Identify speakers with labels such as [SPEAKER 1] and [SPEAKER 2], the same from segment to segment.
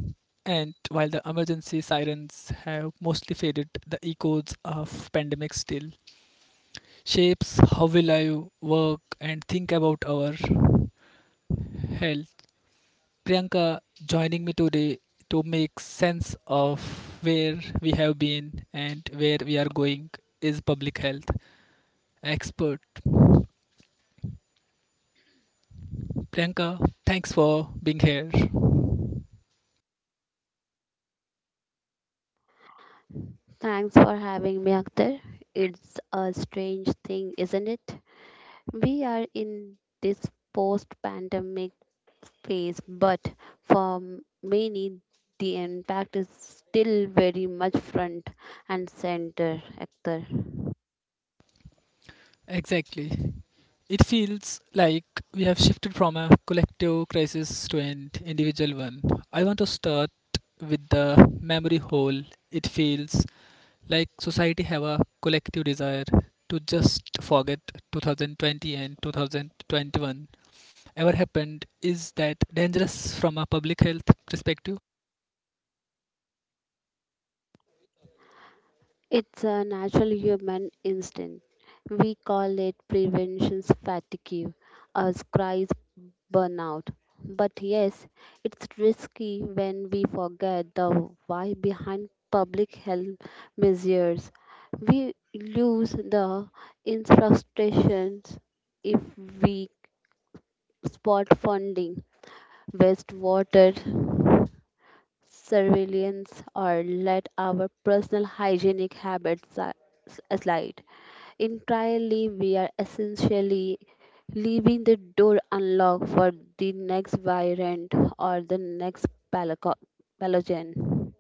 [SPEAKER 1] And while the emergency sirens have mostly faded, the echoes of pandemic still shapes how we live, work, and think about our health. Priyanka joining me today to make sense of where we have been and where we are going is public health expert. Priyanka, thanks for being here.
[SPEAKER 2] Thanks for having me, Akhtar. It's a strange thing, isn't it? We are in this post pandemic phase, but for many, the impact is still very much front and center, Akhtar.
[SPEAKER 1] Exactly. It feels like we have shifted from a collective crisis to an individual one. I want to start with the memory hole. It feels like society have a collective desire to just forget 2020 and 2021 ever happened is that dangerous from a public health perspective.
[SPEAKER 2] It's a natural human instinct. We call it prevention fatigue or cries burnout. But yes, it's risky when we forget the why behind public health measures. We lose the infrastructures if we spot funding, waste water surveillance or let our personal hygienic habits slide. Entirely, we are essentially leaving the door unlocked for the next variant or the next palaco- pathogen.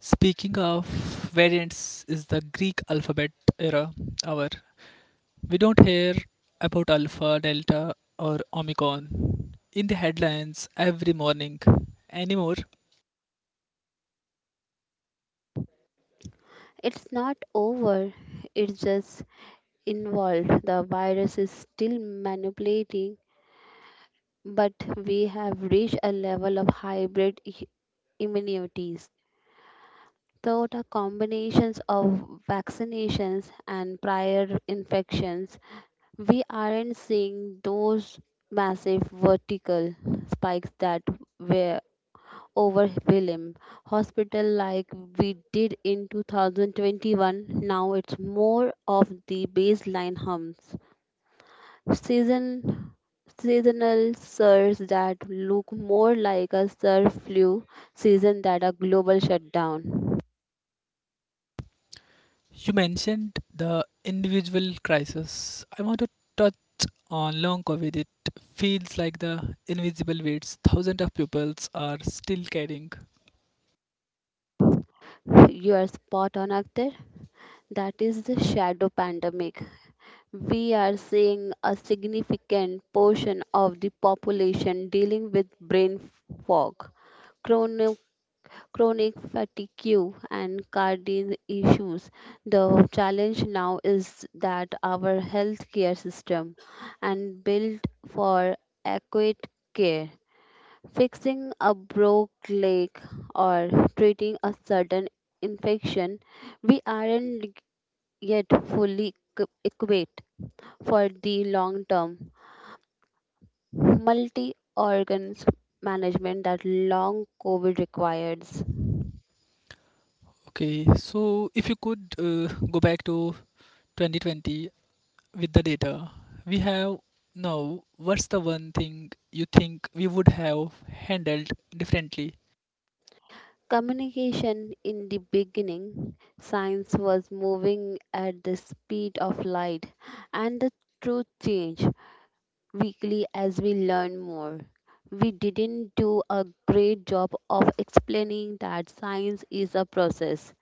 [SPEAKER 1] Speaking of variants, is the Greek alphabet era our we don't hear about alpha, delta, or omicron in the headlines every morning anymore.
[SPEAKER 2] It's not over, it's just involved. The virus is still manipulating, but we have reached a level of hybrid immunities Third are combinations of vaccinations and prior infections. We aren't seeing those massive vertical spikes that were over Willem Hospital like we did in 2021. Now it's more of the baseline humps. Season Seasonal surges that look more like a surf flu season than a global shutdown.
[SPEAKER 1] You mentioned the individual crisis. I want to touch on long COVID. It feels like the invisible weights thousands of pupils are still carrying.
[SPEAKER 2] You are spot on, Akhtar. That is the shadow pandemic. We are seeing a significant portion of the population dealing with brain fog, chronic, chronic fatigue, and cardiac issues. The challenge now is that our healthcare system and built for adequate care Fixing a broke leg or treating a certain infection, we aren't yet fully equipped for the long term multi organs management that long COVID requires.
[SPEAKER 1] Okay, so if you could go back to 2020 with the data we have now, what's the one thing you think we would have handled differently?
[SPEAKER 2] Communication in the beginning, science was moving at the speed of light, and the truth changed weekly as we learn more. We didn't do a great job of explaining that science is a process,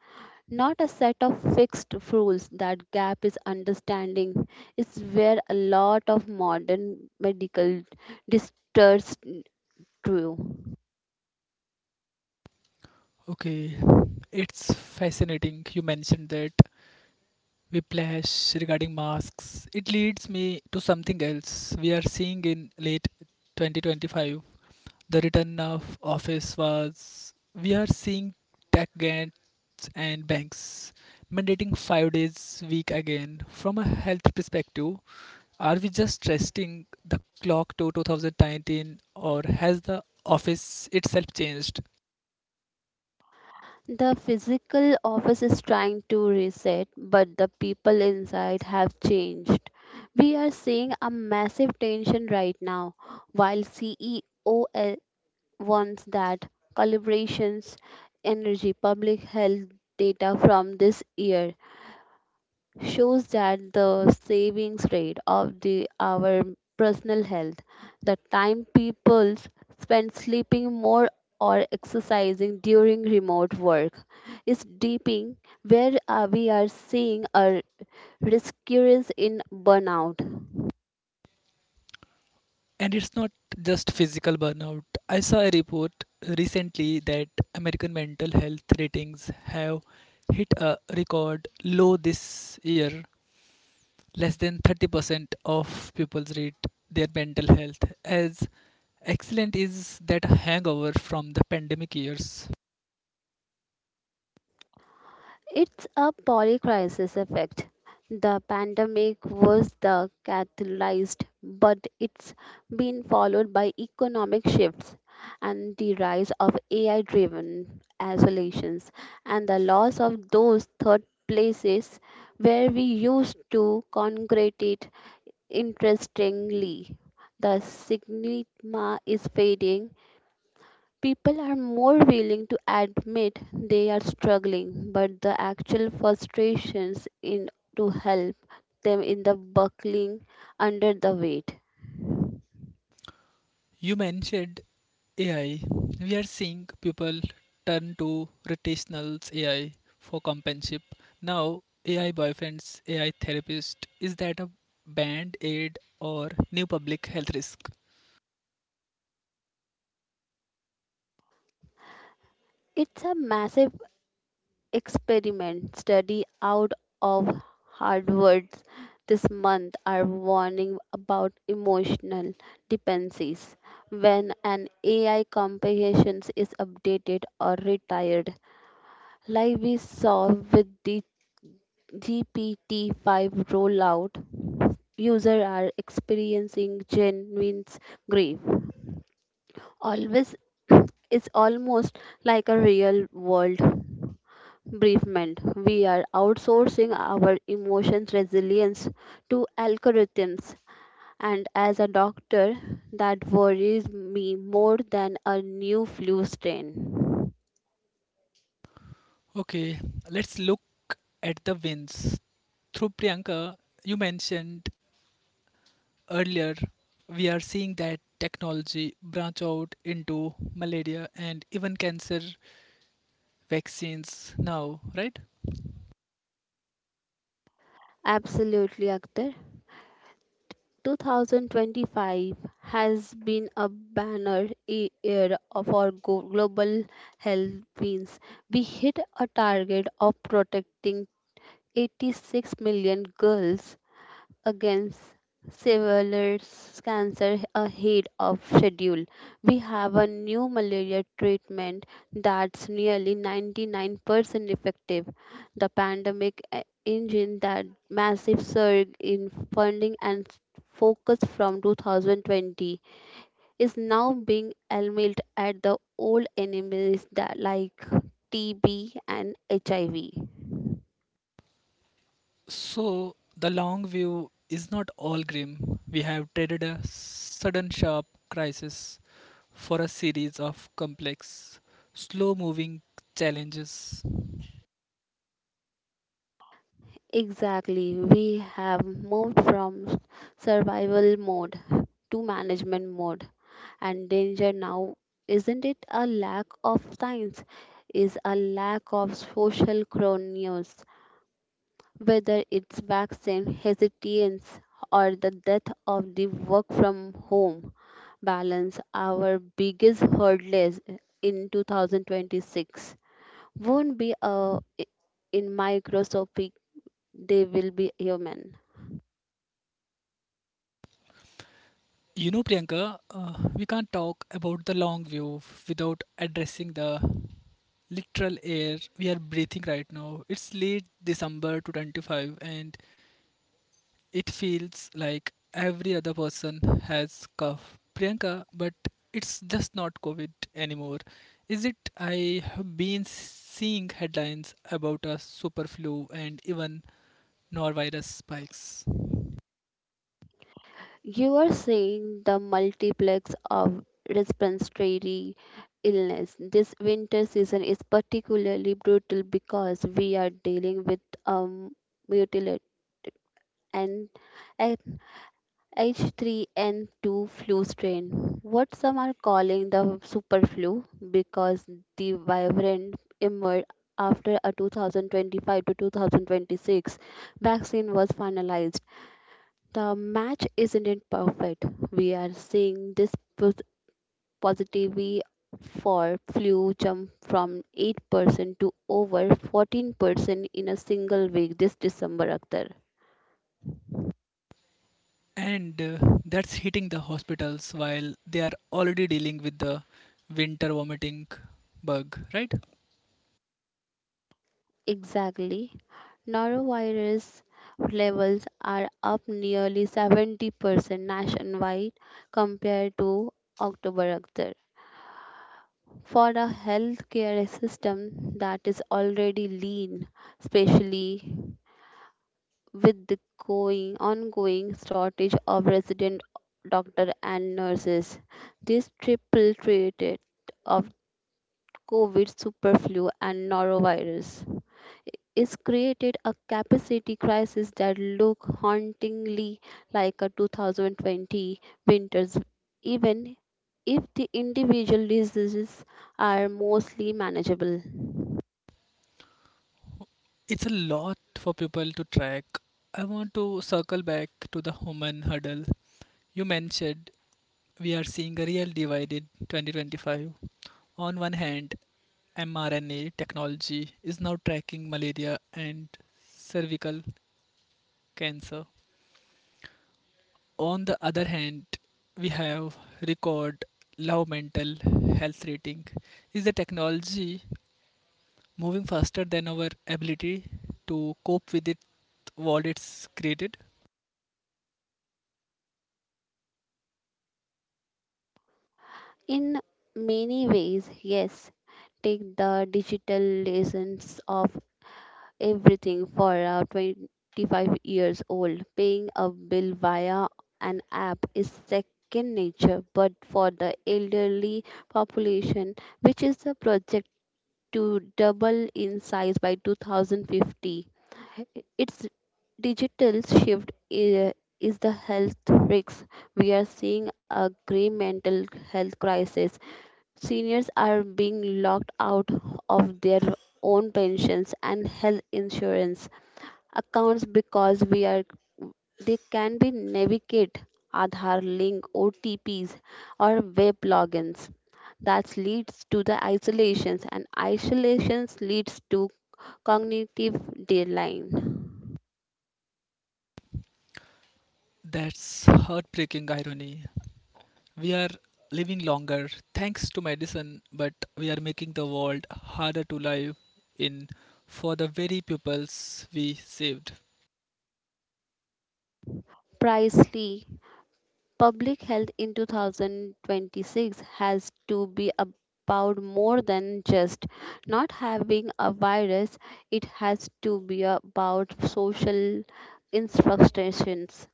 [SPEAKER 2] not a set of fixed rules. That gap is understanding. It's where a lot of modern medical distorts true.
[SPEAKER 1] Okay, it's fascinating you mentioned that whiplash regarding masks. It leads me to something else we are seeing in late 2025. The return of office was we are seeing tech gan- and banks mandating 5 days week again from a health perspective are we just resting the clock to 2019 or has the office itself changed.
[SPEAKER 2] The physical office is trying to reset, but the people inside have changed. We are seeing a massive tension right now. While CEO ones that calibrations energy public health data from this year shows that the savings rate of the our personal health the time people spend sleeping more or exercising during remote work is deeping where we are seeing a risk increase in burnout.
[SPEAKER 1] And it's not just physical burnout. I saw a report recently that american mental health ratings have hit a record low this year. Less than 30% of people rate their mental health as Excellent is that hangover from the pandemic years.
[SPEAKER 2] It's a polycrisis effect. The pandemic was the catalyst, but it's been followed by economic shifts and the rise of AI driven isolations and the loss of those third places where we used to congregate. Interestingly, the stigma is fading. People are more willing to admit they are struggling, but the actual frustrations in to help them in the buckling under the weight.
[SPEAKER 1] You mentioned AI. We are seeing people turn to rotational AI for companionship. Now, AI boyfriends, AI therapist. Is that a band aid or new public health risk?
[SPEAKER 2] It's a massive experiment study out of Harvard's this month are warning about emotional dependencies. When an AI comprehension is updated or retired, like we saw with the GPT-5 rollout, users are experiencing genuine grief. Always it's almost like a real world bereavement. We are outsourcing our emotions resilience to algorithms. And as a doctor, that worries me more than a new flu strain.
[SPEAKER 1] Okay, let's look at the wins. Through Priyanka, you mentioned earlier, we are seeing that technology branch out into malaria and even cancer vaccines now, right?
[SPEAKER 2] Absolutely, Akhtar. 2025 has been a banner e- year for global health means. We hit a target of protecting 86 million girls against Severius cancer ahead of schedule. We have a new malaria treatment that's nearly 99% effective. The pandemic engine that massive surge in funding and focus from 2020 is now being aimed at the old enemies that like TB and HIV.
[SPEAKER 1] So the long view is not all grim. We have traded a sudden sharp crisis for a series of complex, slow moving challenges.
[SPEAKER 2] Exactly. We have moved from survival mode to management mode. And danger now, isn't it a lack of science? Is a lack of social chronos, whether it's vaccine hesitance or the death of the work from home balance, our biggest hurdles in 2026 won't be a in microscopic, they will be human.
[SPEAKER 1] You know, Priyanka, we can't talk about the long view without addressing the literal air we are breathing right now. It's late December 2025 and it feels like every other person has cough priyanka but it's just not covid anymore is it. I have been seeing headlines about a super flu and even norovirus spikes.
[SPEAKER 2] You are seeing the multiplex of respiratory illness. This winter season is particularly brutal because we are dealing with mutilate and a- H3N2 flu strain. What some are calling the super flu because the variant emerged after a 2025 to 2026 vaccine was finalized. The match isn't it perfect. We are seeing this positivity for flu jump from 8% to over 14% in a single week this December, Akhtar.
[SPEAKER 1] And that's hitting the hospitals while they are already dealing with the winter vomiting bug right.
[SPEAKER 2] Exactly. Norovirus levels are up nearly 70% nationwide compared to October, Akhtar. For a healthcare system that is already lean, especially with the ongoing shortage of resident doctor and nurses. This triple threat of COVID, superflu, and norovirus is created a capacity crisis that look hauntingly like a 2020 winters even if the individual diseases are mostly manageable.
[SPEAKER 1] It's a lot for people to track. I want to circle back to the human hurdle you mentioned. We are seeing a real divide in 2025. On one hand, mRNA technology is now tracking malaria and cervical cancer. On the other hand, we have record low mental health rating. Is the technology moving faster than our ability to cope with it what it's created?
[SPEAKER 2] In many ways, yes. Take the digital lessons of everything for a 25 years old. Paying a bill via an app is second nature, but for the elderly population, which is a project to double in size by 2050, its digital shift is the health risks. We are seeing a grave mental health crisis. Seniors are being locked out of their own pensions and health insurance accounts because we are they can be navigate Aadhaar link OTPs or web logins. That leads to the isolations and isolations leads to cognitive decline.
[SPEAKER 1] That's heartbreaking irony. We are living longer thanks to medicine, but we are making the world harder to live in for the very pupils we saved.
[SPEAKER 2] Precisely. Public health in 2026 has to be about more than just not having a virus, it has to be about social instructions.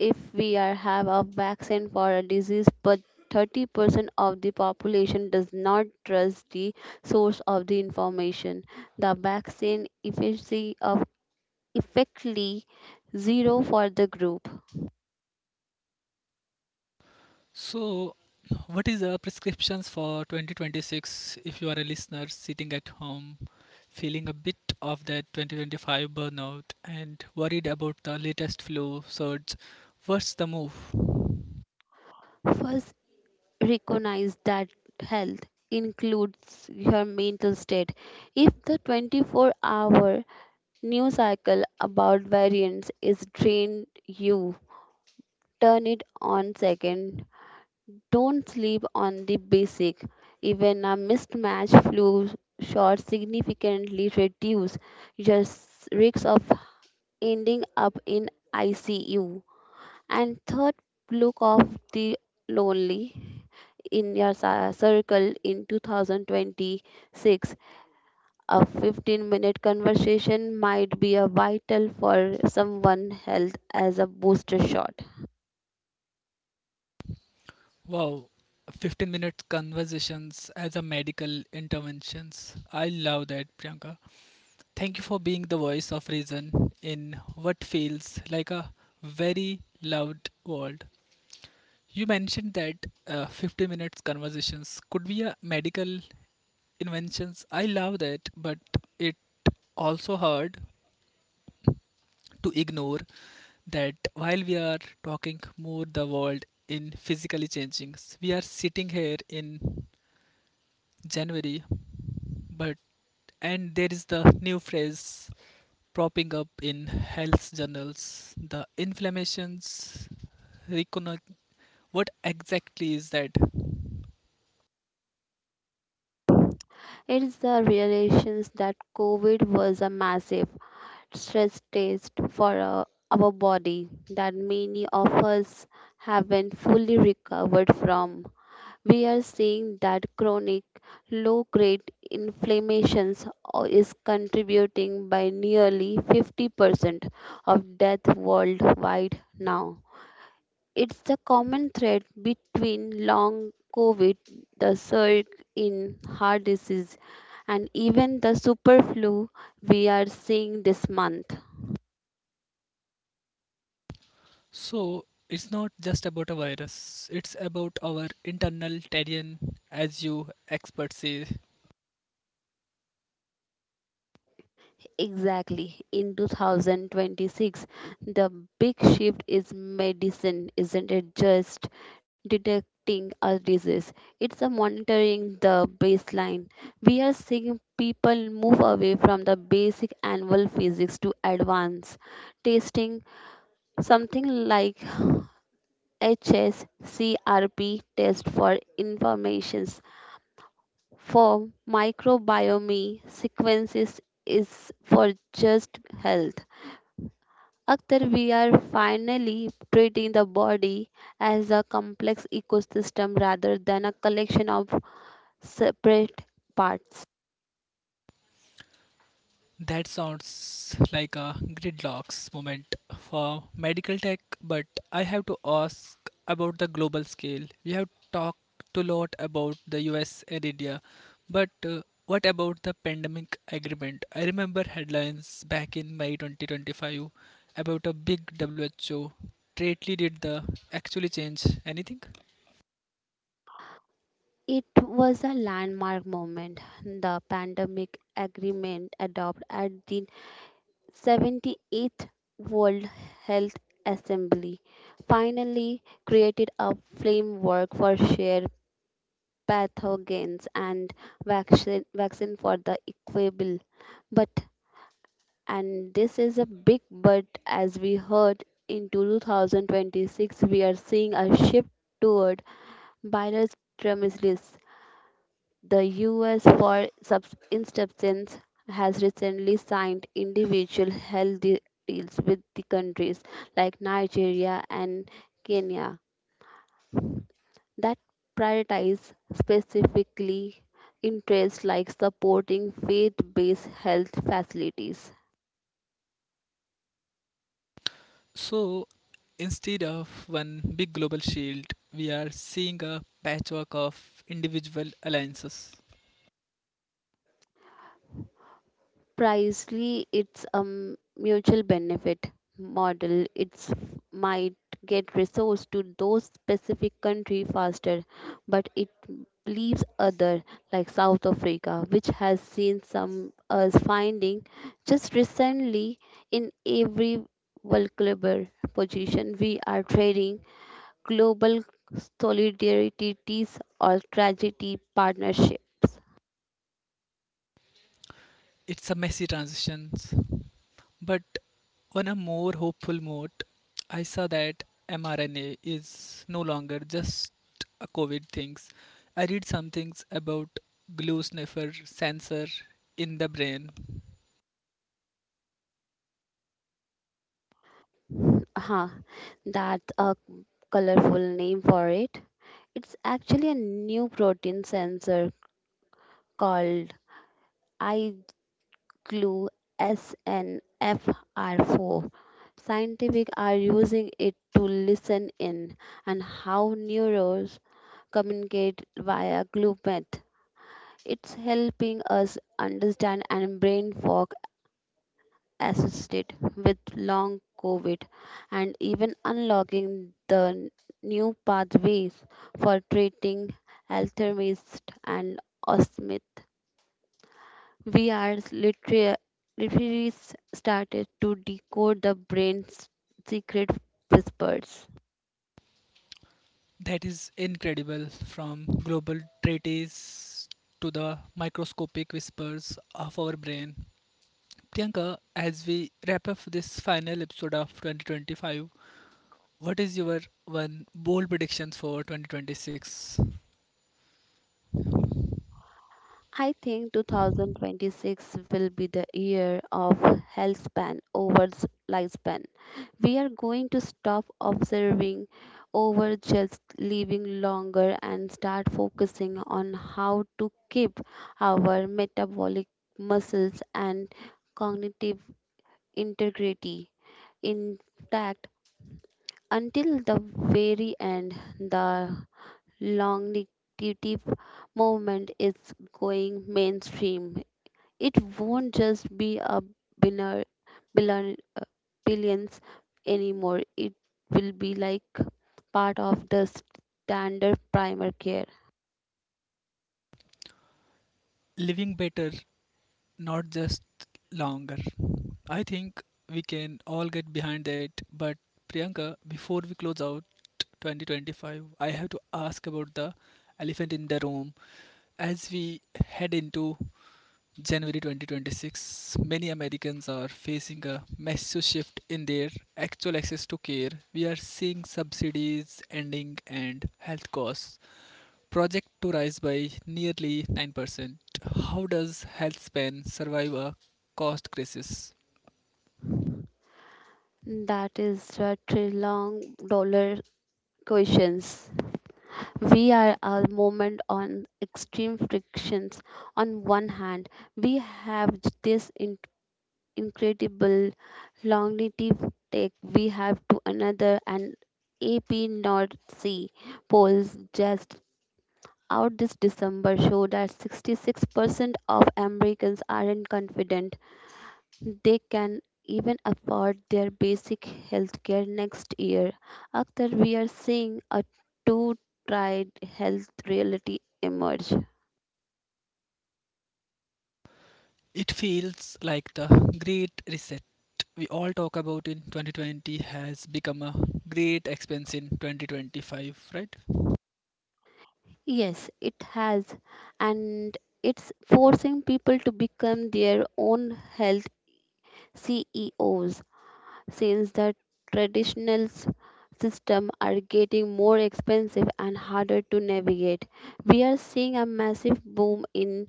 [SPEAKER 2] If we are, have a vaccine for a disease, but 30% of the population does not trust the source of the information, the vaccine efficacy of effectively zero for the group.
[SPEAKER 1] So, what is the prescriptions for 2026 if you are a listener sitting at home feeling a bit of that 2025 burnout and worried about the latest flu surge? What's the move?
[SPEAKER 2] First, recognize that health includes your mental state. If the 24-hour news cycle about variants is drained you, turn it on second. Don't sleep on the basic. Even a mismatched flu shot significantly reduce your risk of ending up in ICU. And third, look of the lonely in your circle in 2026, a 15-minute conversation might be a vital for someone's health as a booster shot.
[SPEAKER 1] Wow, 15-minute conversations as a medical interventions. I love that, Priyanka. Thank you for being the voice of reason in what feels like a very loud world. You mentioned that 50 minutes conversations could be a medical inventions. I love that, but it also hard to ignore that while we are talking more the world in physically changing. We are sitting here in January, but and there is the new phrase propping up in health journals. The inflammations reconnect. What exactly is that?
[SPEAKER 2] It's the realizations that COVID was a massive stress test for our body that many of us haven't fully recovered from. We are seeing that chronic low grade inflammations is contributing by nearly 50% of death worldwide now. It's the common thread between long COVID, the surge in heart disease, and even the super flu we are seeing this month.
[SPEAKER 1] So it's not just about a virus. It's about our internal terrain, as you experts say.
[SPEAKER 2] Exactly. In 2026, the big shift is medicine, isn't it? Just detecting a disease. It's a monitoring the baseline. We are seeing people move away from the basic annual physics to advanced testing, something like HSCRP test for informations for microbiome sequences is for just health. Akhtar, we are finally treating the body as a complex ecosystem rather than a collection of separate parts.
[SPEAKER 1] That sounds like a gridlocks moment for medical tech, but I have to ask about the global scale. We have talked a lot about the US and India, but what about the pandemic agreement? I remember headlines back in May 2025 about a big WHO. Greatly did the actually change anything?
[SPEAKER 2] It was a landmark moment. The pandemic agreement adopted at the 78th World Health Assembly finally created a framework for shared pathogens and vaccine for the equable. But and this is a big but as we heard in 2026 we are seeing a shift toward bilateralism. The us for instance has recently signed individual health deals with the countries like Nigeria and Kenya that prioritize specifically interests like supporting faith-based health facilities.
[SPEAKER 1] So instead of one big global shield, we are seeing a patchwork of individual alliances.
[SPEAKER 2] Precisely, it's a mutual benefit model. It's might get resource to those specific country faster, but it leaves other like South Africa, which has seen some us finding just recently in every vulnerable position. We are trading global solidarities or tragedy partnerships.
[SPEAKER 1] It's a messy transition, but on a more hopeful note, I saw that mRNA is no longer just a COVID things. I read some things about glue sniffer sensor in the brain.
[SPEAKER 2] Huh, that's a colorful name for it. It's actually a new protein sensor called iGlue SNFR4. Scientific are using it to listen in and how neurons communicate via GlueMeth. It's helping us understand and brain fog assisted with long COVID and even unlocking the new pathways for treating Alzheimer's and Osmith. We are literally started to decode the brain's secret whispers.
[SPEAKER 1] That is incredible. From global treaties to the microscopic whispers of our brain. Priyanka, as we wrap up this final episode of 2025, what is your one bold prediction for 2026?
[SPEAKER 2] I think 2026 will be the year of health span over lifespan. We are going to stop observing over just living longer and start focusing on how to keep our metabolic muscles and cognitive integrity intact until the very end. The longevity movement is going mainstream. It won't just be a binner, billion, billions anymore. It will be like part of the standard primer care.
[SPEAKER 1] Living better, not just longer. I think we can all get behind that. But Priyanka, before we close out 2025, I have to ask about the elephant in the room as we head into January 2026, many Americans are facing a massive shift in their actual access to care. We are seeing subsidies ending and health costs project to rise by nearly 9%. How does health span survive a cost crisis?
[SPEAKER 2] That is a trillion dollar questions. We are a moment on extreme frictions. On one hand, we have this incredible longevity take we have to another and AP North Sea polls just out this December showed that 66% of Americans aren't confident they can even afford their basic health care next year. Akhtar, we are seeing a 2 tried health reality emerge.
[SPEAKER 1] It feels like the great reset we all talk about in 2020 has become a great expense in 2025, right?
[SPEAKER 2] Yes, it has, and it's forcing people to become their own health CEOs. Since the traditional system are getting more expensive and harder to navigate. We are seeing a massive boom in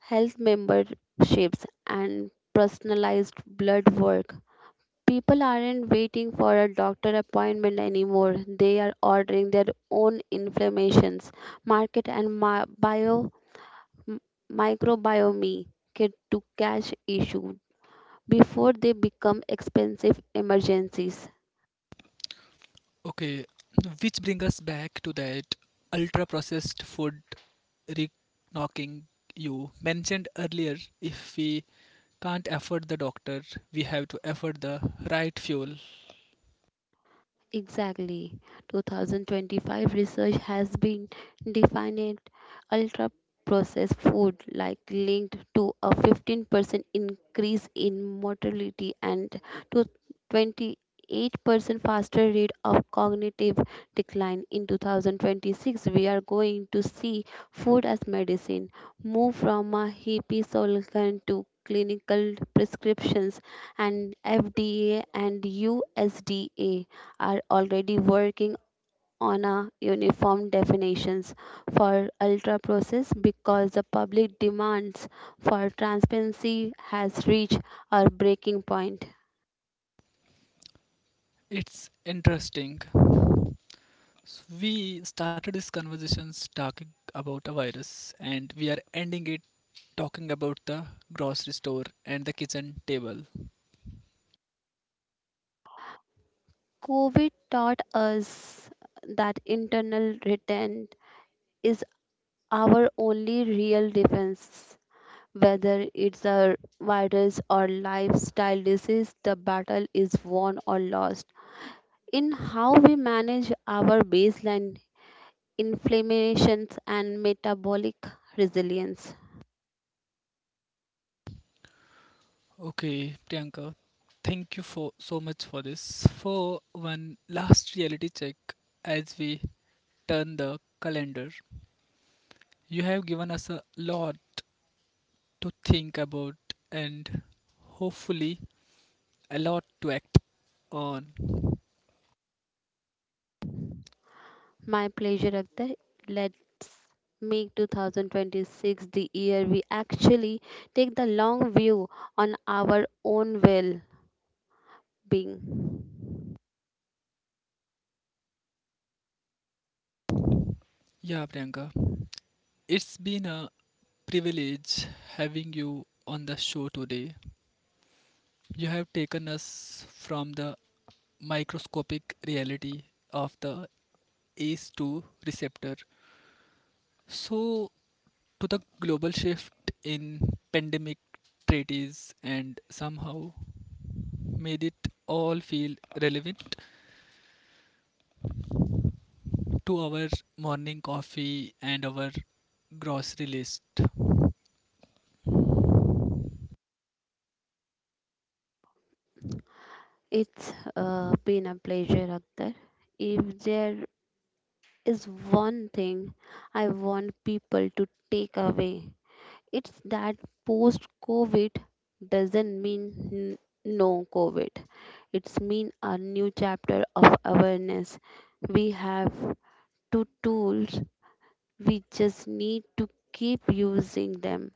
[SPEAKER 2] health memberships and personalized blood work. People aren't waiting for a doctor appointment anymore. They are ordering their own inflammations, market and m- microbiome kit to catch issue before they become expensive emergencies.
[SPEAKER 1] Okay, which brings us back to that ultra processed food re knocking you mentioned earlier. If we can't afford the doctor, we have to afford the right fuel.
[SPEAKER 2] Exactly. 2025 research has been defined ultra processed food like linked to a 15% increase in mortality and to 28% faster rate of cognitive decline in 2026 we are going to see food as medicine move from a hippie slogan to clinical prescriptions and FDA and USDA are already working on a uniform definitions for ultra process because the public demands for transparency has reached our breaking point.
[SPEAKER 1] It's interesting. We started this conversations talking about a virus, and we are ending it talking about the grocery store and the kitchen table.
[SPEAKER 2] COVID taught us that internal retent is our only real defense. Whether it's a virus or lifestyle disease, the battle is won or lost. In how we manage our baseline inflammations, and metabolic resilience.
[SPEAKER 1] Okay, Priyanka, thank you for so much for this. For one last reality check as we turn the calendar, you have given us a lot to think about and hopefully a lot to act on.
[SPEAKER 2] My pleasure, Akhtar. Let's make 2026 the year we actually take the long view on our own well being.
[SPEAKER 1] Yeah, Priyanka, it's been a privilege having you on the show today. You have taken us from the microscopic reality of the ACE2 receptor. So, to the global shift in pandemic treaties and somehow made it all feel relevant to our morning coffee and our grocery list.
[SPEAKER 2] It's been a pleasure, Akhtar. If there is one thing I want people to take away It's that post COVID doesn't mean n- no COVID. It's mean a new chapter of awareness. We have two tools. We just need to keep using them.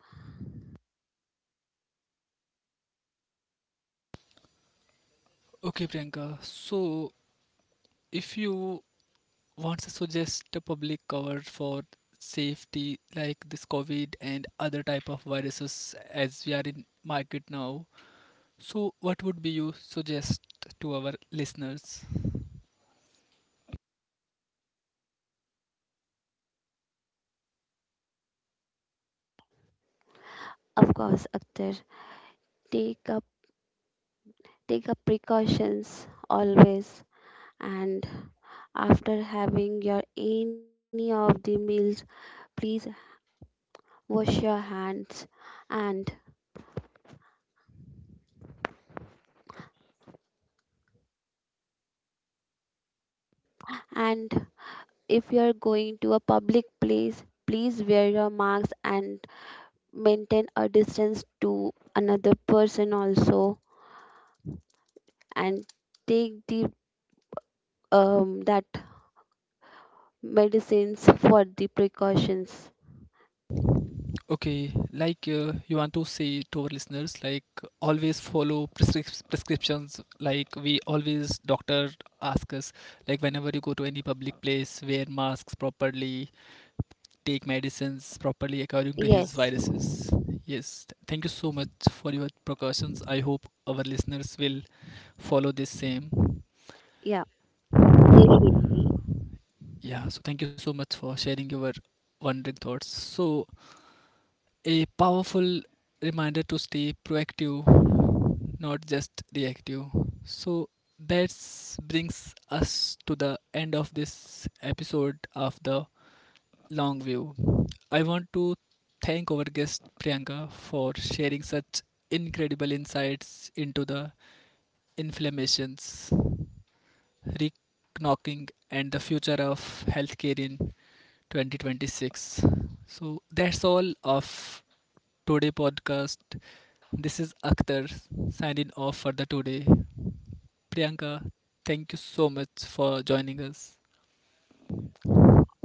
[SPEAKER 1] Okay, Priyanka. So, if you want to suggest a public cover for safety like this COVID and other type of viruses as we are in market now, so what would be you suggest to our listeners?
[SPEAKER 2] Of course, Akhtar, take up take up precautions always. And after having your any of the meals, please wash your hands and and If you are going to a public place, please wear your mask and maintain a distance to another person also and take the that medicines for the precautions.
[SPEAKER 1] Okay, like you want to say to our listeners, like always follow prescriptions. Like we always doctor ask us, like whenever you go to any public place, wear masks properly, take medicines properly according to his
[SPEAKER 2] Yes.
[SPEAKER 1] viruses. Yes, thank you so much for your precautions. I hope our listeners will follow this same.
[SPEAKER 2] Yeah, they should be.
[SPEAKER 1] Yeah, so thank you so much for sharing your wondering thoughts. So a powerful reminder to stay proactive, not just reactive. So that brings us to the end of this episode of the long view. I want to thank our guest Priyanka for sharing such incredible insights into the inflammations, reknocking, and the future of healthcare in 2026. So that's all of today podcast. This is Akhtar signing off for the today. Priyanka, thank you so much for joining us.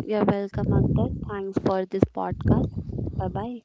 [SPEAKER 2] You're welcome, Ankit. Thanks for this podcast. Bye bye.